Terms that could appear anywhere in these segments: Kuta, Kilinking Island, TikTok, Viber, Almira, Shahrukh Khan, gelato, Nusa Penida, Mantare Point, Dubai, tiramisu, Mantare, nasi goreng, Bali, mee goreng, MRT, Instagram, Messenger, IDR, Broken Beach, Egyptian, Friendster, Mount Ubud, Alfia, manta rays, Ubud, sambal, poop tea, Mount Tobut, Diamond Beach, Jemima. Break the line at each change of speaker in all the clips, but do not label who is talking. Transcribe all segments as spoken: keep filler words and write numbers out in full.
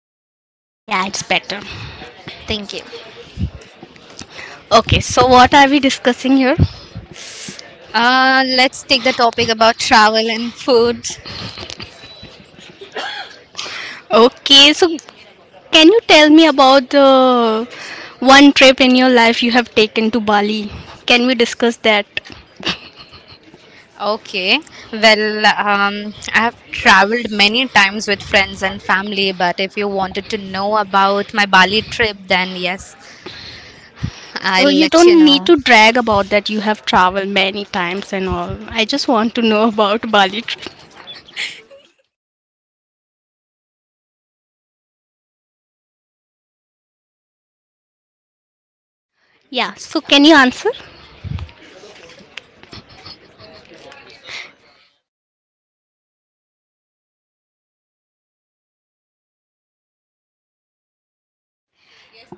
me now?
Yeah, it's better.
Thank you.
Okay, so what are we discussing here?
Uh, let's take the topic about travel and food.
Okay, so can you tell me about the one trip in your life you have taken to Bali? Can we discuss that?
Okay. Well, um, I have traveled many times with friends and family, but if you wanted to know about my Bali trip, then yes,
Oh,
I'll
you
let you
don't need
know.
to drag about that. You have traveled many times and all. I just want to know about Bali trip. Yeah, so can you answer?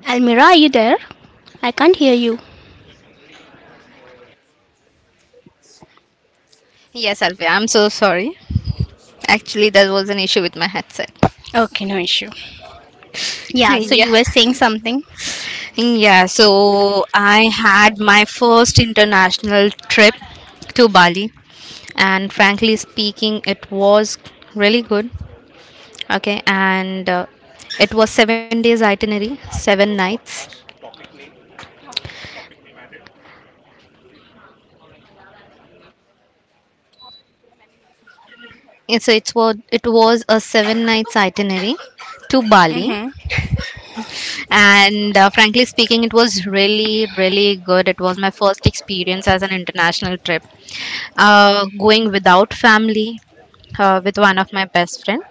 Almira, are you there? I can't hear you.
Yes, Alfia, I'm so sorry. Actually, there was an issue with my headset.
Okay, no issue. Yeah, so
Yeah.
you were saying something?
Yeah, so I had my first international trip to Bali, and frankly speaking, it was really good. Okay, and uh, it was seven days itinerary, seven nights. And so it's was it was a seven nights itinerary to Bali,
Mm-hmm.
and uh, frankly speaking, it was really really good. It was my first experience as an international trip, uh, going without family, uh, with one of my best friend,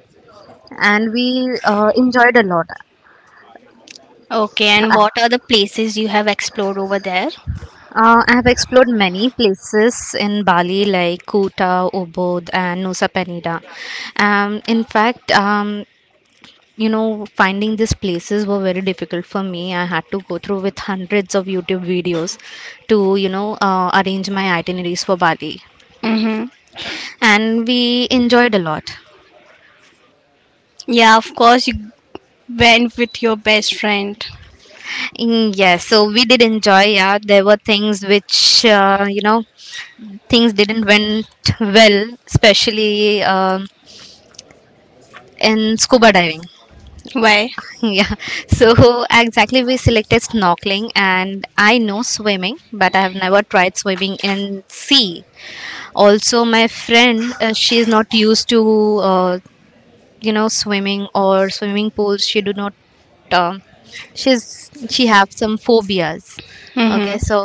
and we uh, enjoyed a lot.
Okay, and what are the places you have explored over there?
Uh, I have explored many places in Bali like Kuta, Ubud, and Nusa Penida. Um, in fact, um, you know, finding these places were very difficult for me. I had to go through with hundreds of YouTube videos to, you know, uh, arrange my itineraries for Bali.
Mm-hmm.
And we enjoyed a lot.
Yeah, of course, you went with your best friend.
Mm, yes, so we did enjoy. Yeah, there were things which uh, you know things didn't went well, especially um, in scuba diving.
Why?
Yeah, so exactly we selected snorkeling, and I know swimming, but I have never tried swimming in sea. Also, my friend, uh, she is not used to uh, you know swimming or swimming pools. She do not. um she's she have some phobias. Okay,
Mm-hmm.
so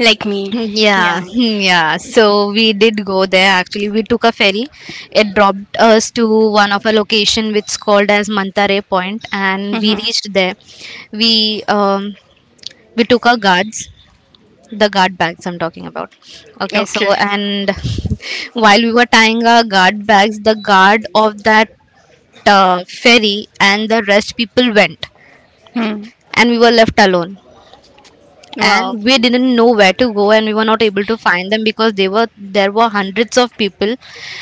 Like me.
yeah.
Yeah.
Yeah. So we did go there actually. We took a ferry. It dropped us to one of a location which is called as Mantare Point, and we
Mm-hmm.
reached there. We um we took our guards, the guard bags I'm talking about. Okay, so
Okay.
and while we were tying our guard bags, the guard of that uh, ferry and the rest people went,
Mm.
and we were left alone,
Wow.
and we didn't know where to go, and we were not able to find them because they were there were hundreds of people,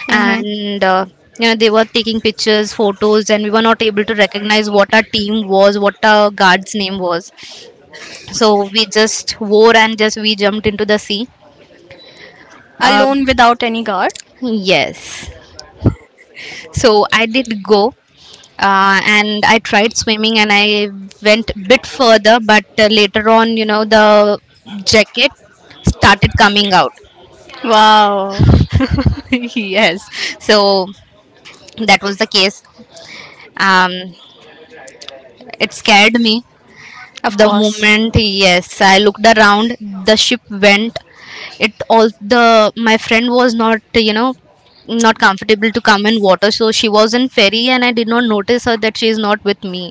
Mm-hmm.
and uh, you know they were taking pictures photos, and we were not able to recognize what our team was, what our guard's name was, so we just wore and just we jumped into the sea. um,
Alone without any guard?
yes, so I did go, uh, and I tried swimming, and I went a bit further, but uh, later on you know the jacket started coming out.
Wow.
Yes, so that was the case. um it scared me.
Of
The
course.
moment, yes, I looked around, the ship went. It, all the, my friend was not, you know not comfortable to come in water, so she was in ferry, and I did not notice her that she is not with me.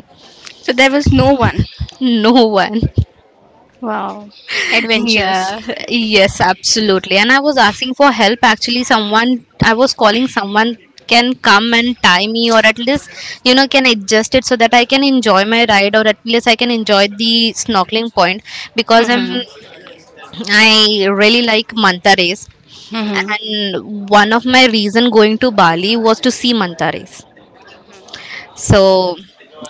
So there was no one.
No one.
Wow. Adventurous.
Yeah, yes, absolutely. And I was asking for help actually. Someone, I was calling someone can come and tie me, or at least, you know, can adjust it so that I can enjoy my ride, or at least I can enjoy the snorkeling point because I'm,
Hmm.
I really like manta rays.
Hmm.
And one of my reason going to Bali was to see manta rays. So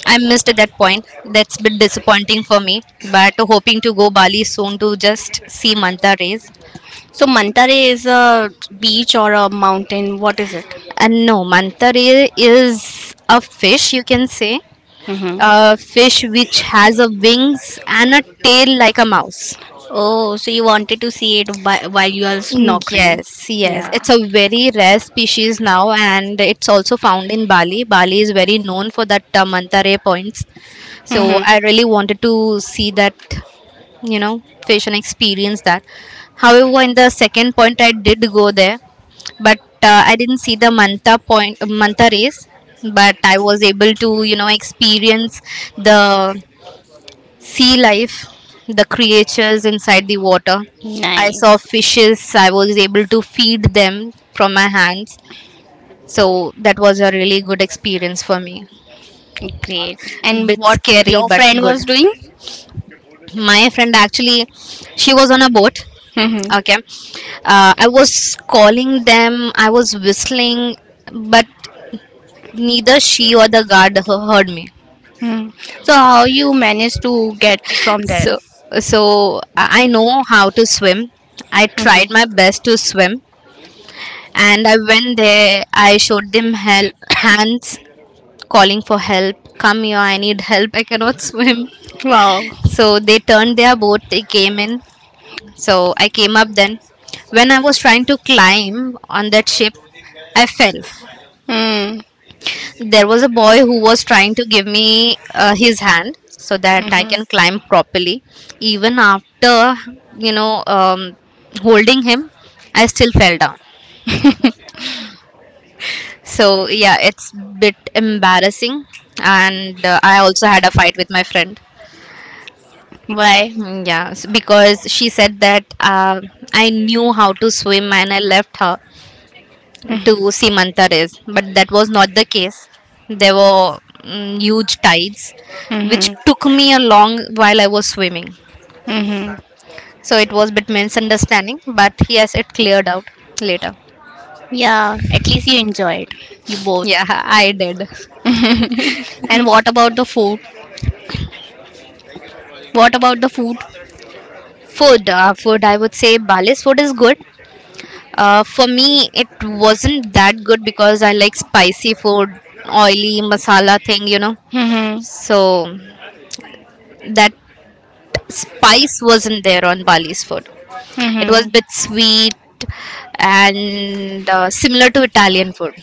I missed at that point. That's a bit disappointing for me, but hoping to go Bali soon to just see manta rays.
So Mantare is a beach or a mountain. What is it?
And no, mantari is a fish, you can say.
Hmm.
A fish which has a wings and a tail like a mouse.
Oh, so you wanted to see it whi- while you are snorkeling.
Yes, yes.
Yeah.
It's a very rare species now, and it's also found in Bali. Bali is very known for that uh, mantare points. So
Mm-hmm.
I really wanted to see that, you know patient experience that. However, in the second point, I did go there, but uh, I didn't see the manta point manta race, but I was able to you know experience the sea life, the creatures inside the water. I saw
Nice.
fishes, I was able to feed them from my hands, so that was a really good experience for me.
Great. And
Bit
what
scary
your
but
friend
good.
was doing?
My friend actually, she was on a boat.
Mm-hmm.
Okay. uh, I was calling them, I was whistling, but neither she or the guard h- heard me.
Mm. So how you manage to get from there?
So so i I know how to swim. I tried
Mhm.
my best to swim, and I went there. I showed them help hands, calling for help. Come here, I need help, I cannot swim.
Wow.
So they turned their boat, they came in. So I came up then. When I was trying to climb on that ship, I fell.
Mm.
There was a boy who was trying to give me uh, his hand so that I
Mhm.
can climb properly. Even after, you know, um, holding him, I still fell down. So yeah, it's bit embarrassing, and uh, I also had a fight with my friend.
Why?
Mm, yeah, s- because she said that uh, I knew how to swim and I left her to
Mm.
Simantares, but that was not the case. There were mm, huge tides, which
Mhm.
took me a long while I was swimming.
Mhm.
So it was a bit misunderstanding, but yes, it cleared out later.
Yeah, at least you enjoy it, you both.
Yeah, I did.
And what about the food? What about the food?
Food, uh, food. I would say Bali's food is good. Uh, for me, it wasn't that good because I like spicy food, oily masala thing, you know.
Mm-hmm.
So that spice wasn't there on Bali's food. It was
Mm-hmm.
a bit sweet, and uh, similar to Italian food.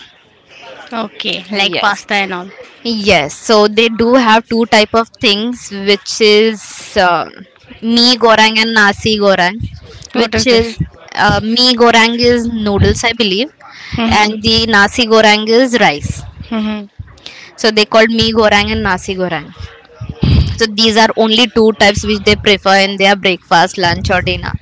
Okay, like
Yes.
pasta and all.
Yes. So they do have two type of things, which is uh, mee goreng and nasi goreng,
What is
which is
this?
uh, mee goreng is noodles, I believe,
Mm-hmm.
and the nasi goreng is rice.
Mm-hmm.
So they called mee goreng and nasi goreng. So these are only two types which they prefer in their breakfast, lunch, or dinner.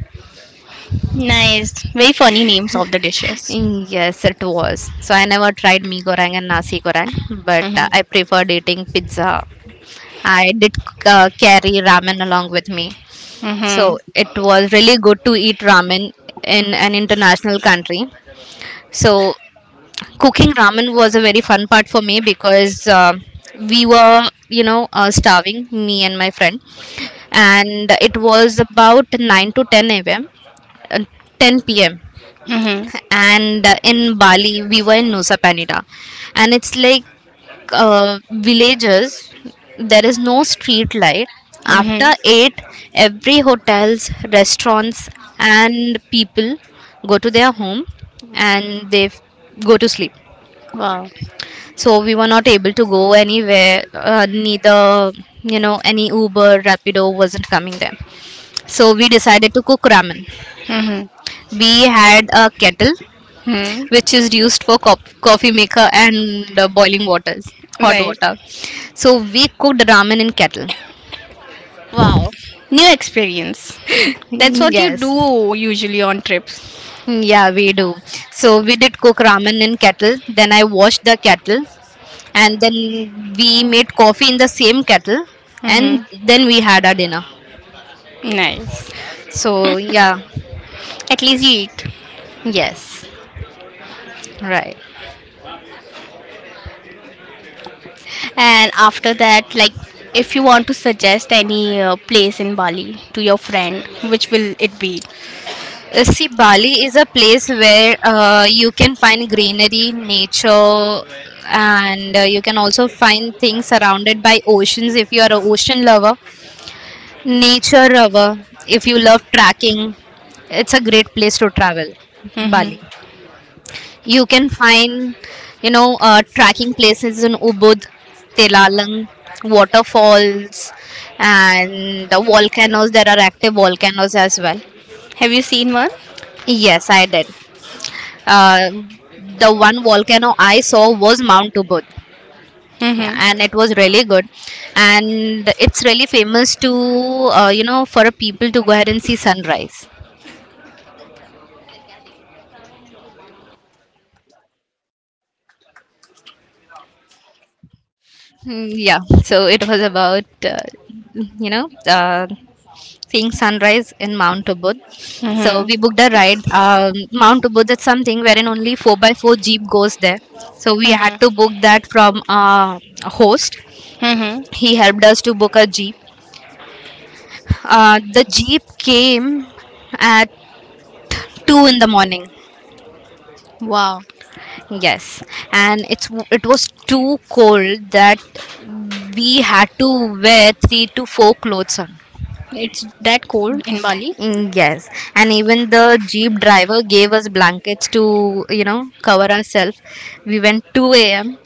Nice. Very funny names of the dishes.
Mm, yes, it was. So I never tried mee goreng and nasi goreng, but uh,
Mm-hmm.
I preferred eating pizza. I did uh, carry ramen along with me. So
Mm-hmm.
it was really good to eat ramen in an international country. So cooking ramen was a very fun part for me because uh, we were, you know, uh, starving, me and my friend. And it was about nine to ten a m, uh, ten p m,
Mm-hmm.
and uh, in Bali we were in Nusa Penida, and it's like uh, villages. There is no street light. After
Mm-hmm.
eight, every hotels, restaurants, and people go to their home, and they f- go to sleep.
Wow.
So we were not able to go anywhere. Uh, neither you know any Uber, Rapido wasn't coming there. So we decided to cook ramen.
Mm-hmm.
We had a kettle
Hmm.
which is used for co- coffee maker and uh, boiling waters, hot
Right.
water, so we cooked ramen in kettle.
Wow. New experience. That's
Mm,
what you
yes.
do usually on trips.
Mm, yeah, we do. So we did cook ramen in kettle, then I washed the kettle, and then we made coffee in the same kettle, and
Mm-hmm.
then we had our dinner,
Nice.
so yeah.
At least you eat.
Yes. Right.
And after that, like if you want to suggest any uh, place in Bali to your friend, which will it be?
Uh, See, Bali is a place where uh, you can find greenery, nature, and uh, you can also find things surrounded by oceans if you are an ocean lover, nature lover, if you love trekking. It's a great place to travel,
Hmm.
Bali. You can find, you know, uh, trekking places in Ubud, Telalang, waterfalls, and the volcanoes. There are active volcanoes as well.
Have you seen one?
Yes, I did. uh, the one volcano I saw was Mount Ubud, yeah,
Hmm.
and it was really good, and it's really famous to uh, you know for people to go ahead and see sunrise. Mm, yeah, so it was about uh, you know uh, seeing sunrise in Mount Ubud.
Hmm.
So we booked a ride. Um, Mount Ubud is something wherein only four by four jeep goes there. So we had to book that
Hmm.
from uh, a host.
Hmm.
He helped us to book a jeep. Uh, the jeep came at two in the morning.
Wow,
Yes, and it's it was too cold that we had to wear three to four clothes on.
it's that cold in Bali.
Mm, yes, and even the jeep driver gave us blankets to you know cover ourselves. We went two a m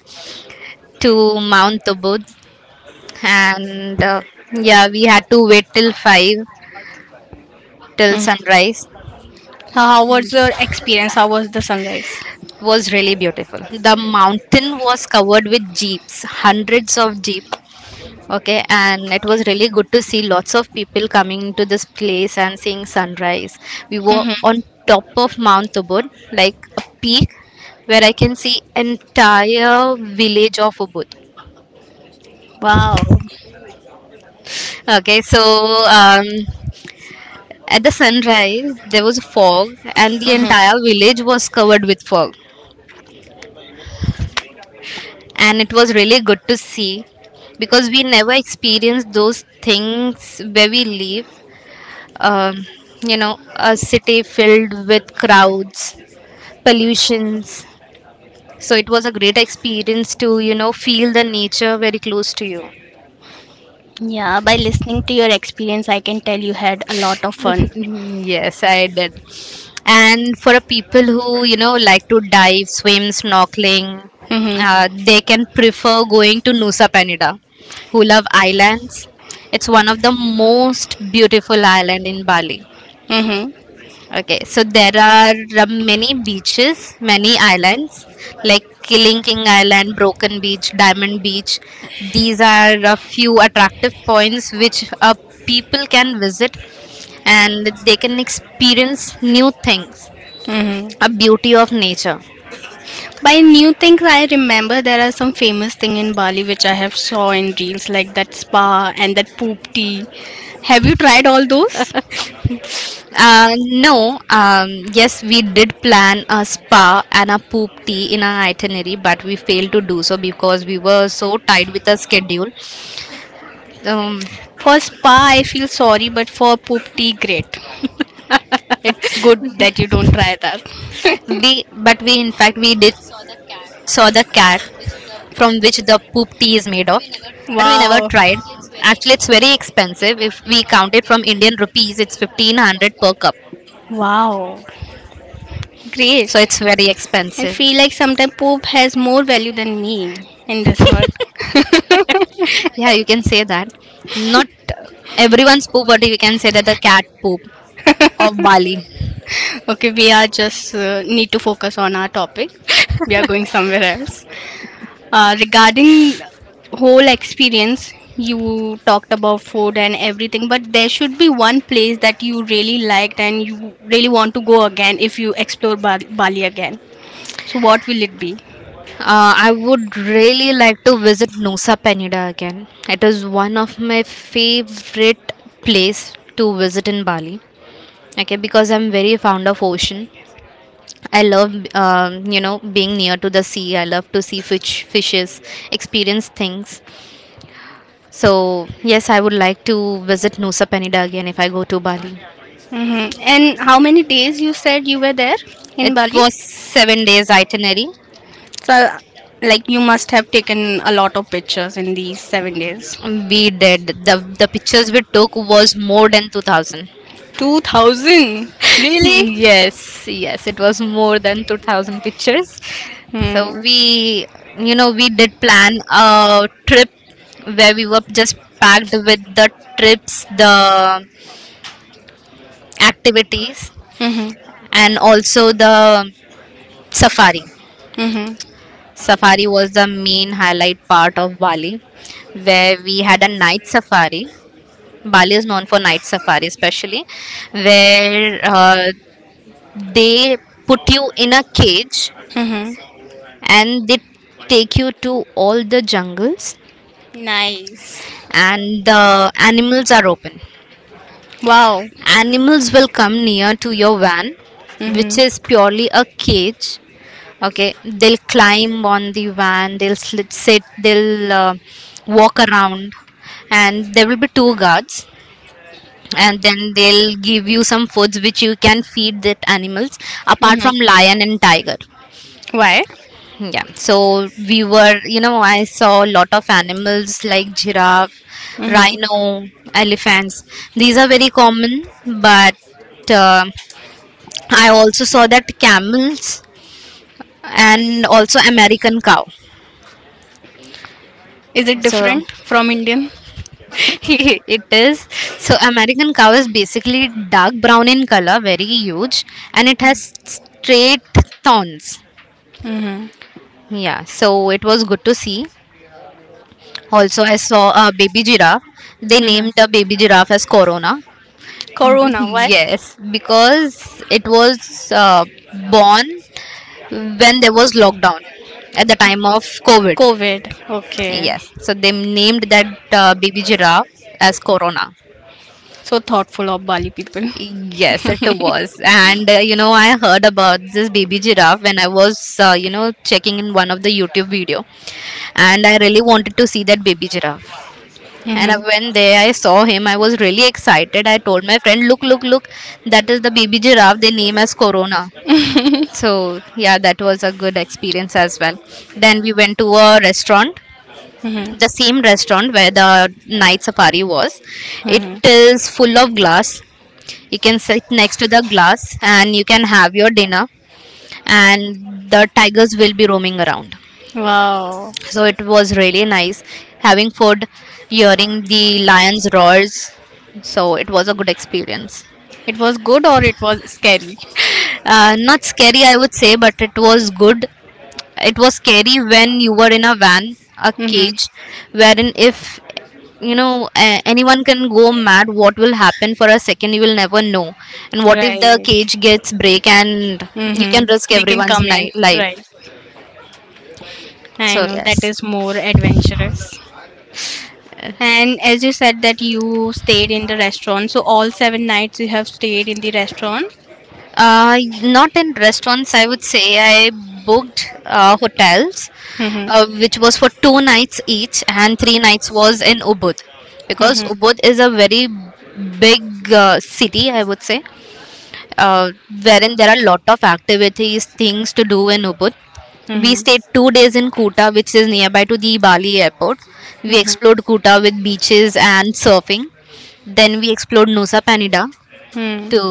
to Mount Tobut, and uh, yeah, we had to wait till five, till
Mhm.
sunrise.
How, how was your experience? How was the sunrise?
Was really beautiful. The mountain was covered with jeeps, hundreds of jeep. Okay, and it was really good to see lots of people coming to this place and seeing sunrise. We were
Hmm.
on top of Mount Ubud, like a peak where I can see entire village of Ubud.
Wow.
Okay, so um, at the sunrise there was fog, and the entire village was covered with fog, and it was really good to see because we never experienced those things where we live, um, you know a city filled with crowds, pollutions. So it was a great experience to you know feel the nature very close to you.
Yeah, by listening to your experience, I can tell you had a lot of fun.
Yes, I did. And for a people who, you know, like to dive, swim, snorkeling,
Hmm.
uh, they can prefer going to Nusa Penida, who love islands. It's one of the most beautiful island in Bali.
Hmm.
Okay, so there are uh, many
Hmm.
beaches, many islands like Kilinking Island, Broken Beach, Diamond Beach. These are a few attractive points which uh, people can visit and they can experience new things, a beauty of nature.
By new things, I remember there are some famous thing in Bali which I have saw in reels like that spa and that poop tea. Have you tried all those?
uh, no. Um, yes, we did plan a spa and a poop tea in our itinerary, but we failed to do so because we were so tied with the schedule. um,
For spa, I feel sorry, but for poop tea, great. It's good that you don't try that.
we but we in fact we did saw the cat from which the poop tea is made of, but we never tried.
Wow.
Actually, it's very expensive. If we count it from Indian rupees, it's fifteen hundred per cup,
Wow.
so
Great.
it's very expensive.
I feel like sometimes poop has more value than me in this world.
Yeah, you can say that. Not everyone's poop, but we can say that the cat poop of Bali.
Okay, we are just uh, need to focus on our topic. We are going somewhere else. Uh, regarding whole experience, you talked about food and everything, but there should be one place that you really liked and you really want to go again if you explore Bal- Bali again. So, what will it be?
Uh, I would really like to visit Nusa Penida again. It is one of my favorite place to visit in Bali. Okay, because I'm very fond of ocean. I love, um, you know, being near to the sea. I love to see fish, fishes, experience things. So yes, I would like to visit Nusa Penida again if I go to Bali.
Hmm. And how many days you said you were there in
It
Bali?
was seven days itinerary.
So, like, you must have taken a lot of pictures in these seven days.
We did. The the pictures we took was more than two thousand.
two thousand? Really?
yes, yes, it was more than two thousand pictures. So
Hmm.
we, you know, we did plan a trip where we were just packed with the trips, the activities,
Mm-hmm.
and also the safari.
Mm-hmm.
Safari was the main highlight part of Bali, where we had a night safari. Bali is known for night safari, especially where uh, they put you in a cage
Mm-hmm.
and they take you to all the jungles,
Nice.
and the animals are open.
Wow.
Animals will come near to your van, which
Mm-hmm.
is purely a cage. Okay, they'll climb on the van, they'll slit, sit, they'll uh, walk around, and there will be two guards, and then they'll give you some foods which you can feed that animals, apart
Mm-hmm.
from lion and tiger.
Why?
Yeah, so we were, you know I saw a lot of animals like giraffe,
Mm-hmm.
rhino, elephants. These are very common, but uh, I also saw that camels, and also American cow.
Is it
So
different from Indian?
it is. So American cow is basically dark brown in color, very huge, and it has straight thorns.
Mm-hmm.
Yeah, so it was good to see. Also, I saw a baby giraffe. They
Mm-hmm.
named the baby giraffe as Corona.
Corona, why?
yes, because it was uh, born when there was lockdown at the time of COVID.
COVID. Okay.
Yes, so they named that uh, baby giraffe as Corona.
So thoughtful of Bali people.
Yes, it was. And uh, you know, I heard about this baby giraffe when I was, uh, you know, checking in one of the YouTube video, and I really wanted to see that baby giraffe. And I
Mhm.
went there, I saw him. I was really excited. I told my friend, "Look, look, look! That is the baby giraffe. They name as Corona." So yeah, that was a good experience as well. Then we went to a restaurant, the same restaurant where the night safari was. It
Mhm. Mhm.
is full of glass. You can sit next to the glass and you can have your dinner. And the tigers will be roaming around.
Wow.
So it was really nice having food, hearing the lions roars. So it was a good experience.
It was good or it was scary?
Uh, not scary, I would say, but it was good. It was scary when you were in a van, a cage,
Mm-hmm.
wherein if, you know a- anyone can go mad, what will happen for a second, you will never know. And what if the
Right.
cage gets break and you can risk
Mm-hmm. They can
everyone's
come in.
ni- life.
Right. I
So
know that
yes.
is more adventurous. And as you said that you stayed in the restaurant, so all seven nights you have stayed in the restaurant.
Uh, not in restaurants, I would say. I booked uh, hotels,
Mm-hmm.
uh, which was
Mm-hmm.
for two nights each, and three nights was in Ubud, because
Mm-hmm.
Ubud is a very big uh, city, I would say, uh, wherein there are a lot of activities, things to do in Ubud. We stayed two days in Kuta, which is nearby to the Bali airport. We
Mm-hmm. Mm-hmm.
explored Kuta with beaches and surfing. Then we explored Nusa Penida to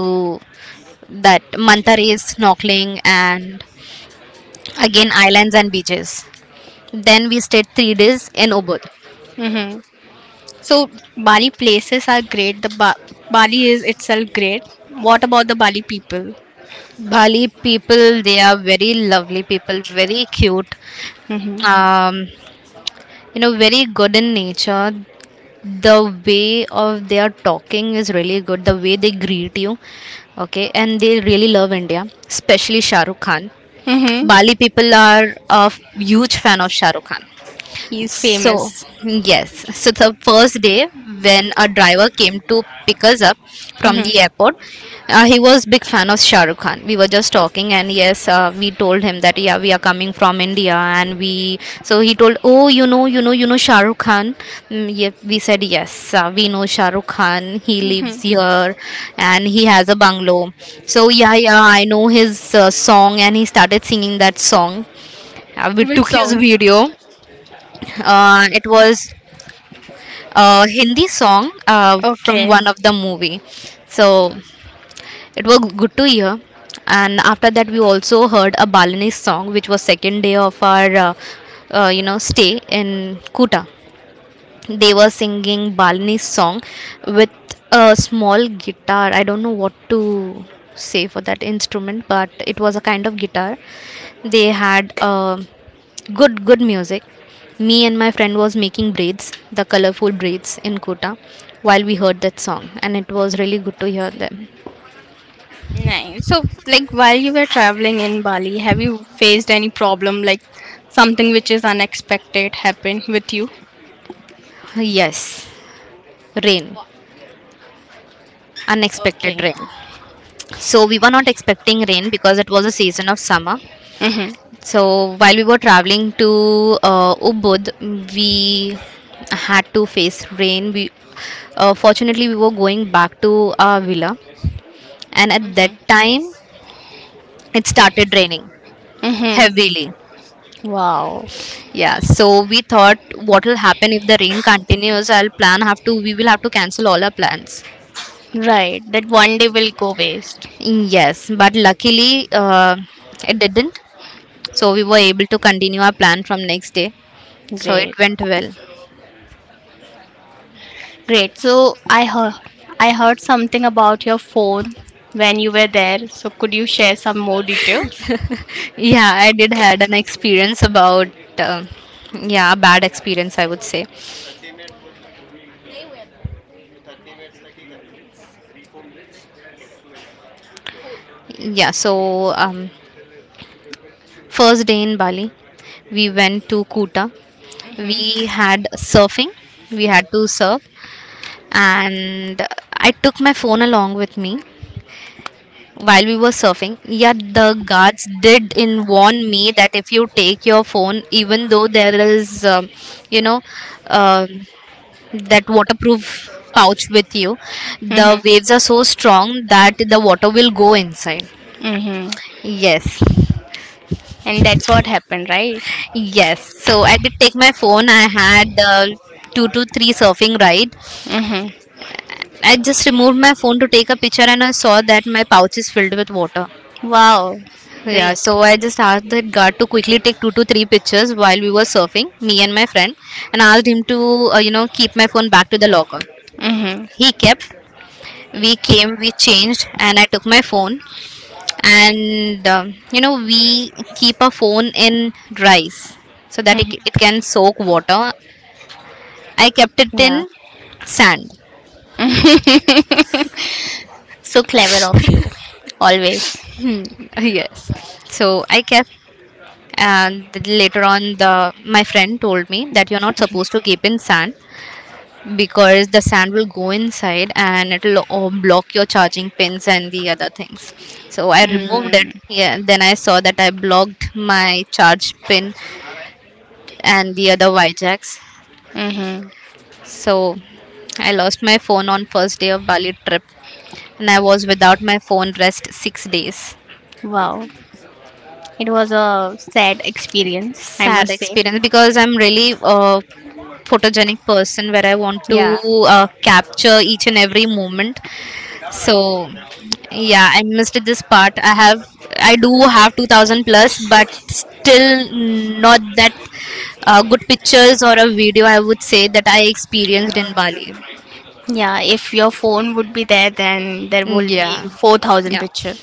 that Mantari is snorkeling, and again islands and beaches. Then we stayed three days in Ubud.
Mm-hmm. So Bali places are great. The ba- Bali is itself great. What about the Bali people?
Bali people, they are very lovely people, very cute,
Mm-hmm.
um, you know, very good in nature. The way of their talking is really good. The way they greet you, okay, and they really love India, especially Shahrukh Khan.
Mm-hmm.
Bali people are a huge fan of Shahrukh Khan.
He is
So,
famous.
yes. So, the first day when a driver came to pick us up from
Hmm.
the airport, uh, he was big fan of Shah Rukh Khan. We were just talking, and yes, uh, we told him that yeah, we are coming from India, and we. So he told, oh, you know, you know, you know Shah Rukh Khan. Mm, yeah, we said yes, uh, we know Shah Rukh Khan. He lives
Hmm.
here, and he has a bungalow. So yeah, yeah, I know his uh, song, and he started singing that song. Uh, we
Which
took his
song?
video. Uh, it was uh, Hindi song uh, from
Okay.
one of the movie. So it was good to hear. And after that, we also heard a Balinese song, which was second day of our uh, uh, you know stay in Kuta. They were singing Balinese song with a small guitar. I don't know what to say for that instrument, but it was a kind of guitar. They had uh, good good music. Me and my friend was making braids, the colorful braids in Kota, while we heard that song, and it was really good to hear them.
Nice. So, like, while you were traveling in Bali, have you faced any problem, like something which is unexpected happened with you?
Yes, rain, unexpected
Okay.
rain. So we were not expecting rain because it was a season of summer.
Mm-hmm.
So while we were traveling to uh, Ubud, we had to face rain. We uh, fortunately we were going back to our villa, and at that
Mm-hmm.
time it started raining
Mm-hmm.
heavily.
Wow.
Yeah, so we thought, what will happen if the rain continues? I'll plan have to We will have to cancel all our plans.
Right. That one day will go waste.
Yes, but luckily uh, it didn't. So we were able to continue our plan from next day. So it
Great.
went well.
Great. So I heard I heard something about your phone when you were there. So could you share some more details?
Yeah, I did had an experience about um yeah, a bad experience I would say. Yeah, so um, first day in Bali we went to Kuta.
Mm-hmm.
We had surfing. We had to surf, and I took my phone along with me. While we were surfing, yet the guards did in warn me that if you take your phone, even though there is um, you know um that waterproof pouch with you. The
Mm-hmm.
waves are so strong that the water will go inside.
Mm-hmm.
Yes,
And that's what happened, right?
yes. So I did take my phone. I had uh, two to three surfing ride.
Mm-hmm.
I just removed my phone to take a picture and I saw that my pouch is filled with water.
Wow.
Yeah,
Great.
so I just asked that guard to quickly take two to three pictures while we were surfing, me and my friend, and asked him to, uh, you know, keep my phone back to the locker.
Mm-hmm.
He kept. We came, we changed, and I took my phone. And um, you know, we keep a phone in rice so that it, it can
Mm-hmm.
soak water. I kept it in
Yeah.
sand.
So clever of you, always.
Hmm, yes. So I kept, and th- later on the my friend told me that you're not supposed to keep in sand because the sand will go inside and it'll uh, block your charging pins and the other things. So I removed it.
Mm.
Yeah, then I saw that I blocked my charge pin and the other y jacks.
Hmm.
So I lost my phone on first day of Bali trip and I was without my phone rest six days.
Wow. It was a sad experience, I
Sad
must say.
experience, because I'm really a photogenic person where I want to
Yeah.
uh, capture each and every moment. So yeah, I missed this part. I have I do have two thousand plus, but still not that uh, good pictures or a video I would say that I experienced in Bali.
Yeah, if your phone would be there, then there
Mm,
will be
yeah.
four thousand
Yeah.
pictures.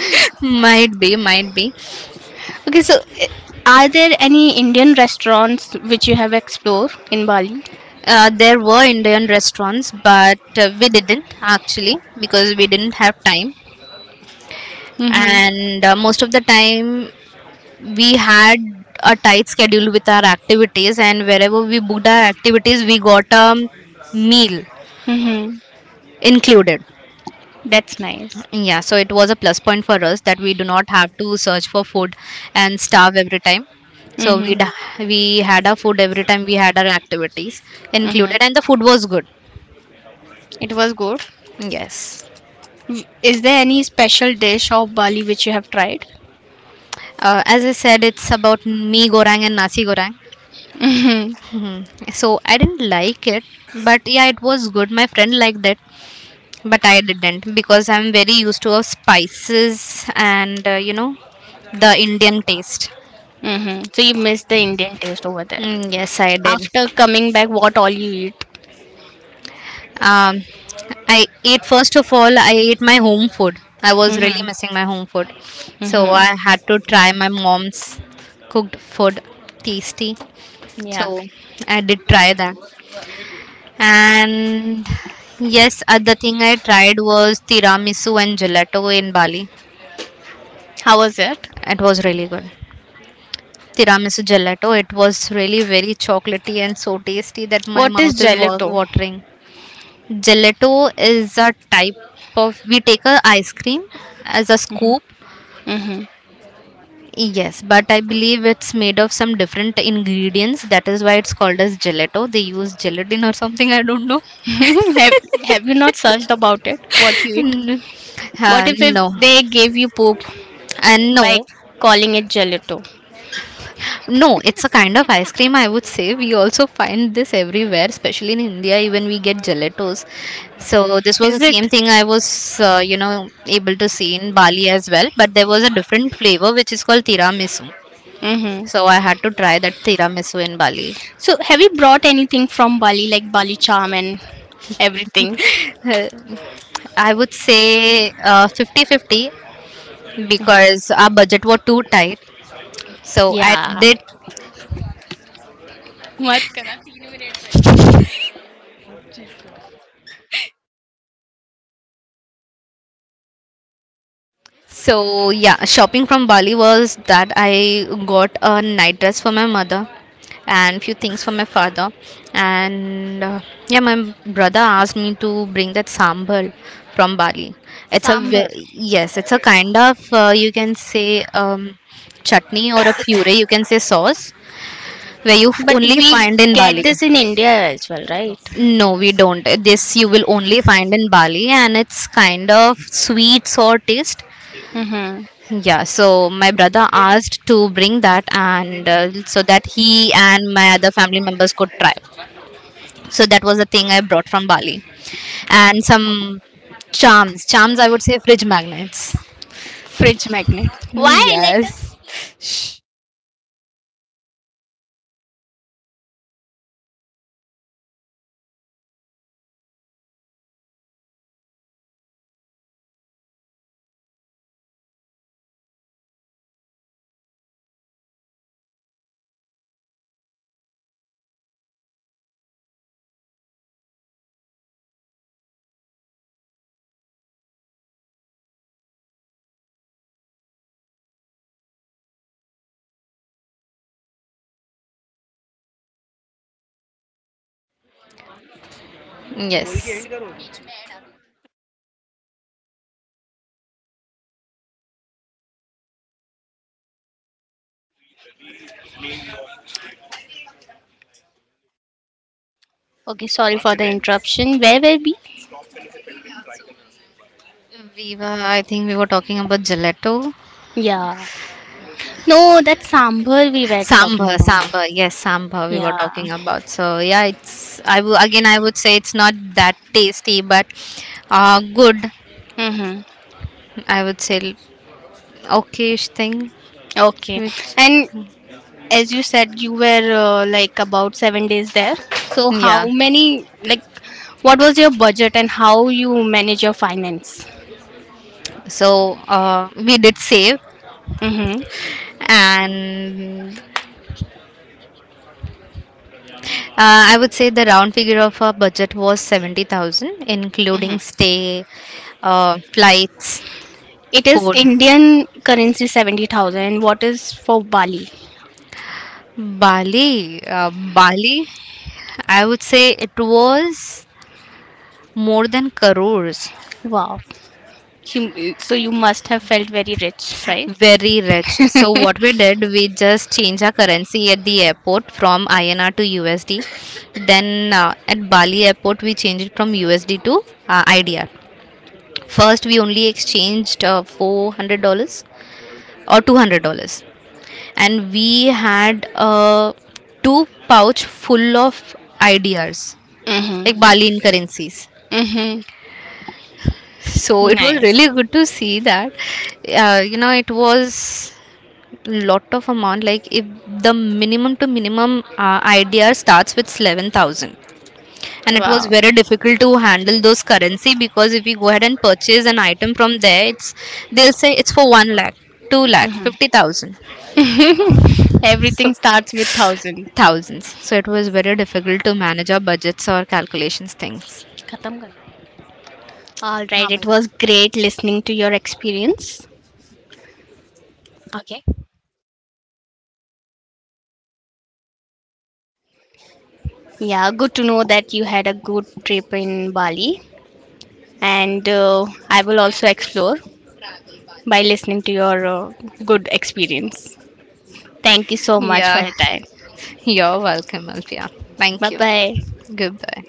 might be, might be.
Okay, so uh, are there any Indian restaurants which you have explored in Bali?
Uh, there were Indian restaurants, but uh, we didn't actually because we didn't have time.
Mm-hmm.
And uh, most of the time, we had a tight schedule with our activities, and wherever we booked our activities, we got a meal
Mm-hmm.
included.
That's nice.
Yeah, so it was a plus point for us that we do not have to search for food and starve every time. So
Mm-hmm.
we we had our food every time we had our activities
Mm-hmm.
included, and the food was good.
It was good.
Yes.
W- Is there any special dish of Bali which you have tried?
Uh, as I said, it's about mee goreng and nasi goreng.
Mm-hmm.
Hmm. So I didn't like it, but yeah, it was good. My friend liked it, but I didn't because I'm very used to of spices and uh, you know, the Indian taste.
Mm-hmm. So you missed the Indian taste over there.
Mm, yes, I did.
After coming back, what all you eat?
Um, I ate first of all. I ate my home food. I was really
Mm-hmm.
missing my home food, so
Mm-hmm.
I had to try my mom's cooked food, tasty.
Yeah.
So I did try that. And yes, other thing I tried was tiramisu and gelato in Bali.
How was it?
It was really good. Tiramisu gelato, it was really very chocolatey and so tasty that my
What is
mouth is wa-
gelato?
watering. Gelato is a type of, we take a ice cream as a scoop.
Mm-hmm.
Yes, but I believe it's made of some different ingredients. That is why it's called as gelato. They use gelatin or something. I don't know.
have, have you not searched about it? What you eat? What
Uh,
if, if
no,
they gave you poop
and
by
no.
calling it gelato?
No, it's a kind of ice cream I would say. We also find this everywhere, especially in India, even we get gelatos. So, this was
Is
the same
it?
thing I was, uh, you know, able to see in Bali as well. But there was a different flavor which is called tiramisu. So,
Mm-hmm.
I had to try that tiramisu in Bali.
So, have you brought anything from Bali, like Bali charm and everything?
Uh, I would say uh, 50 fifty because our budget was too tight. So, I
Yeah.
did.
What, Karat?
So yeah, shopping from Bali was that I got a night dress for my mother and few things for my father and uh, yeah, my brother asked me to bring that sambal from Bali. It's a ve-
Sambar.
yes, it's a kind of uh, you can say, um, chutney or a puree, you can say sauce, where you f-
But
only
we
find in
get
Bali.
this in India as well, right?
No, we don't. This you will only find in Bali, and it's kind of sweet sour taste.
Mm-hmm.
Yeah, so my brother asked to bring that and uh, so that he and my other family members could try. So that was the thing I brought from Bali. And some charms, charms I would say, fridge magnets.
Fridge magnet. Why later?
Yes. Yes.
Okay, sorry for the interruption. Where were we?
We were, I think we were talking about gelato.
Yeah. No, that sambar we were talking
Sambar,
about.
sambar. Yes, sambar we were
Yeah.
talking about. So yeah, it's, I w- again, I would say it's not that tasty, but uh, good.
Mm-hmm.
I would say okayish thing.
Okay.
Which,
And as you said, you were uh, like about seven days there. So, how
yeah.
many, like, what was your budget and how you manage your finance?
So uh, we did save,
Mm-hmm.
and uh, I would say the round figure of our budget was seventy thousand,
Mm-hmm.
including stay, uh, flights,
It is
food.
Indian currency seventy thousand. And what is for Bali?
Bali, uh, Bali, I would say it was more than crores.
Wow. You- So, you must have felt very rich, right?
Very rich. So what we
Mm-hmm.
did, we just changed our currency at the airport from I N R to U S D. Then uh, at Bali airport, we changed it from U S D to uh, I D R. First, we only exchanged uh, four hundred dollars or two hundred dollars and we had uh, two pouch full of I D Rs like Balian currencies.
Mm-hmm.
So it was really
Nice.
good to see that. Uh, you know, it was lot of amount. Like if the minimum to minimum uh, I D R starts with eleven thousand, and it was
Wow.
very difficult to handle those currency, because if we go ahead and purchase an item from there, it's, they'll say it's for one lakh, two lakh, fifty thousand, so
Everything starts with one thousand.
thousands. So it was very difficult to manage our budgets or calculations things.
खत्म करना है। All
हाँ
right,
भाई।
it was great listening to your experience. Okay. Yeah, good to know that you had a good trip in Bali, and uh, I will also explore by listening to your uh, good experience. Thank you so much for
Yeah.
your time.
you're welcome, Alpia. Thank
Bye
you.
bye.
Goodbye.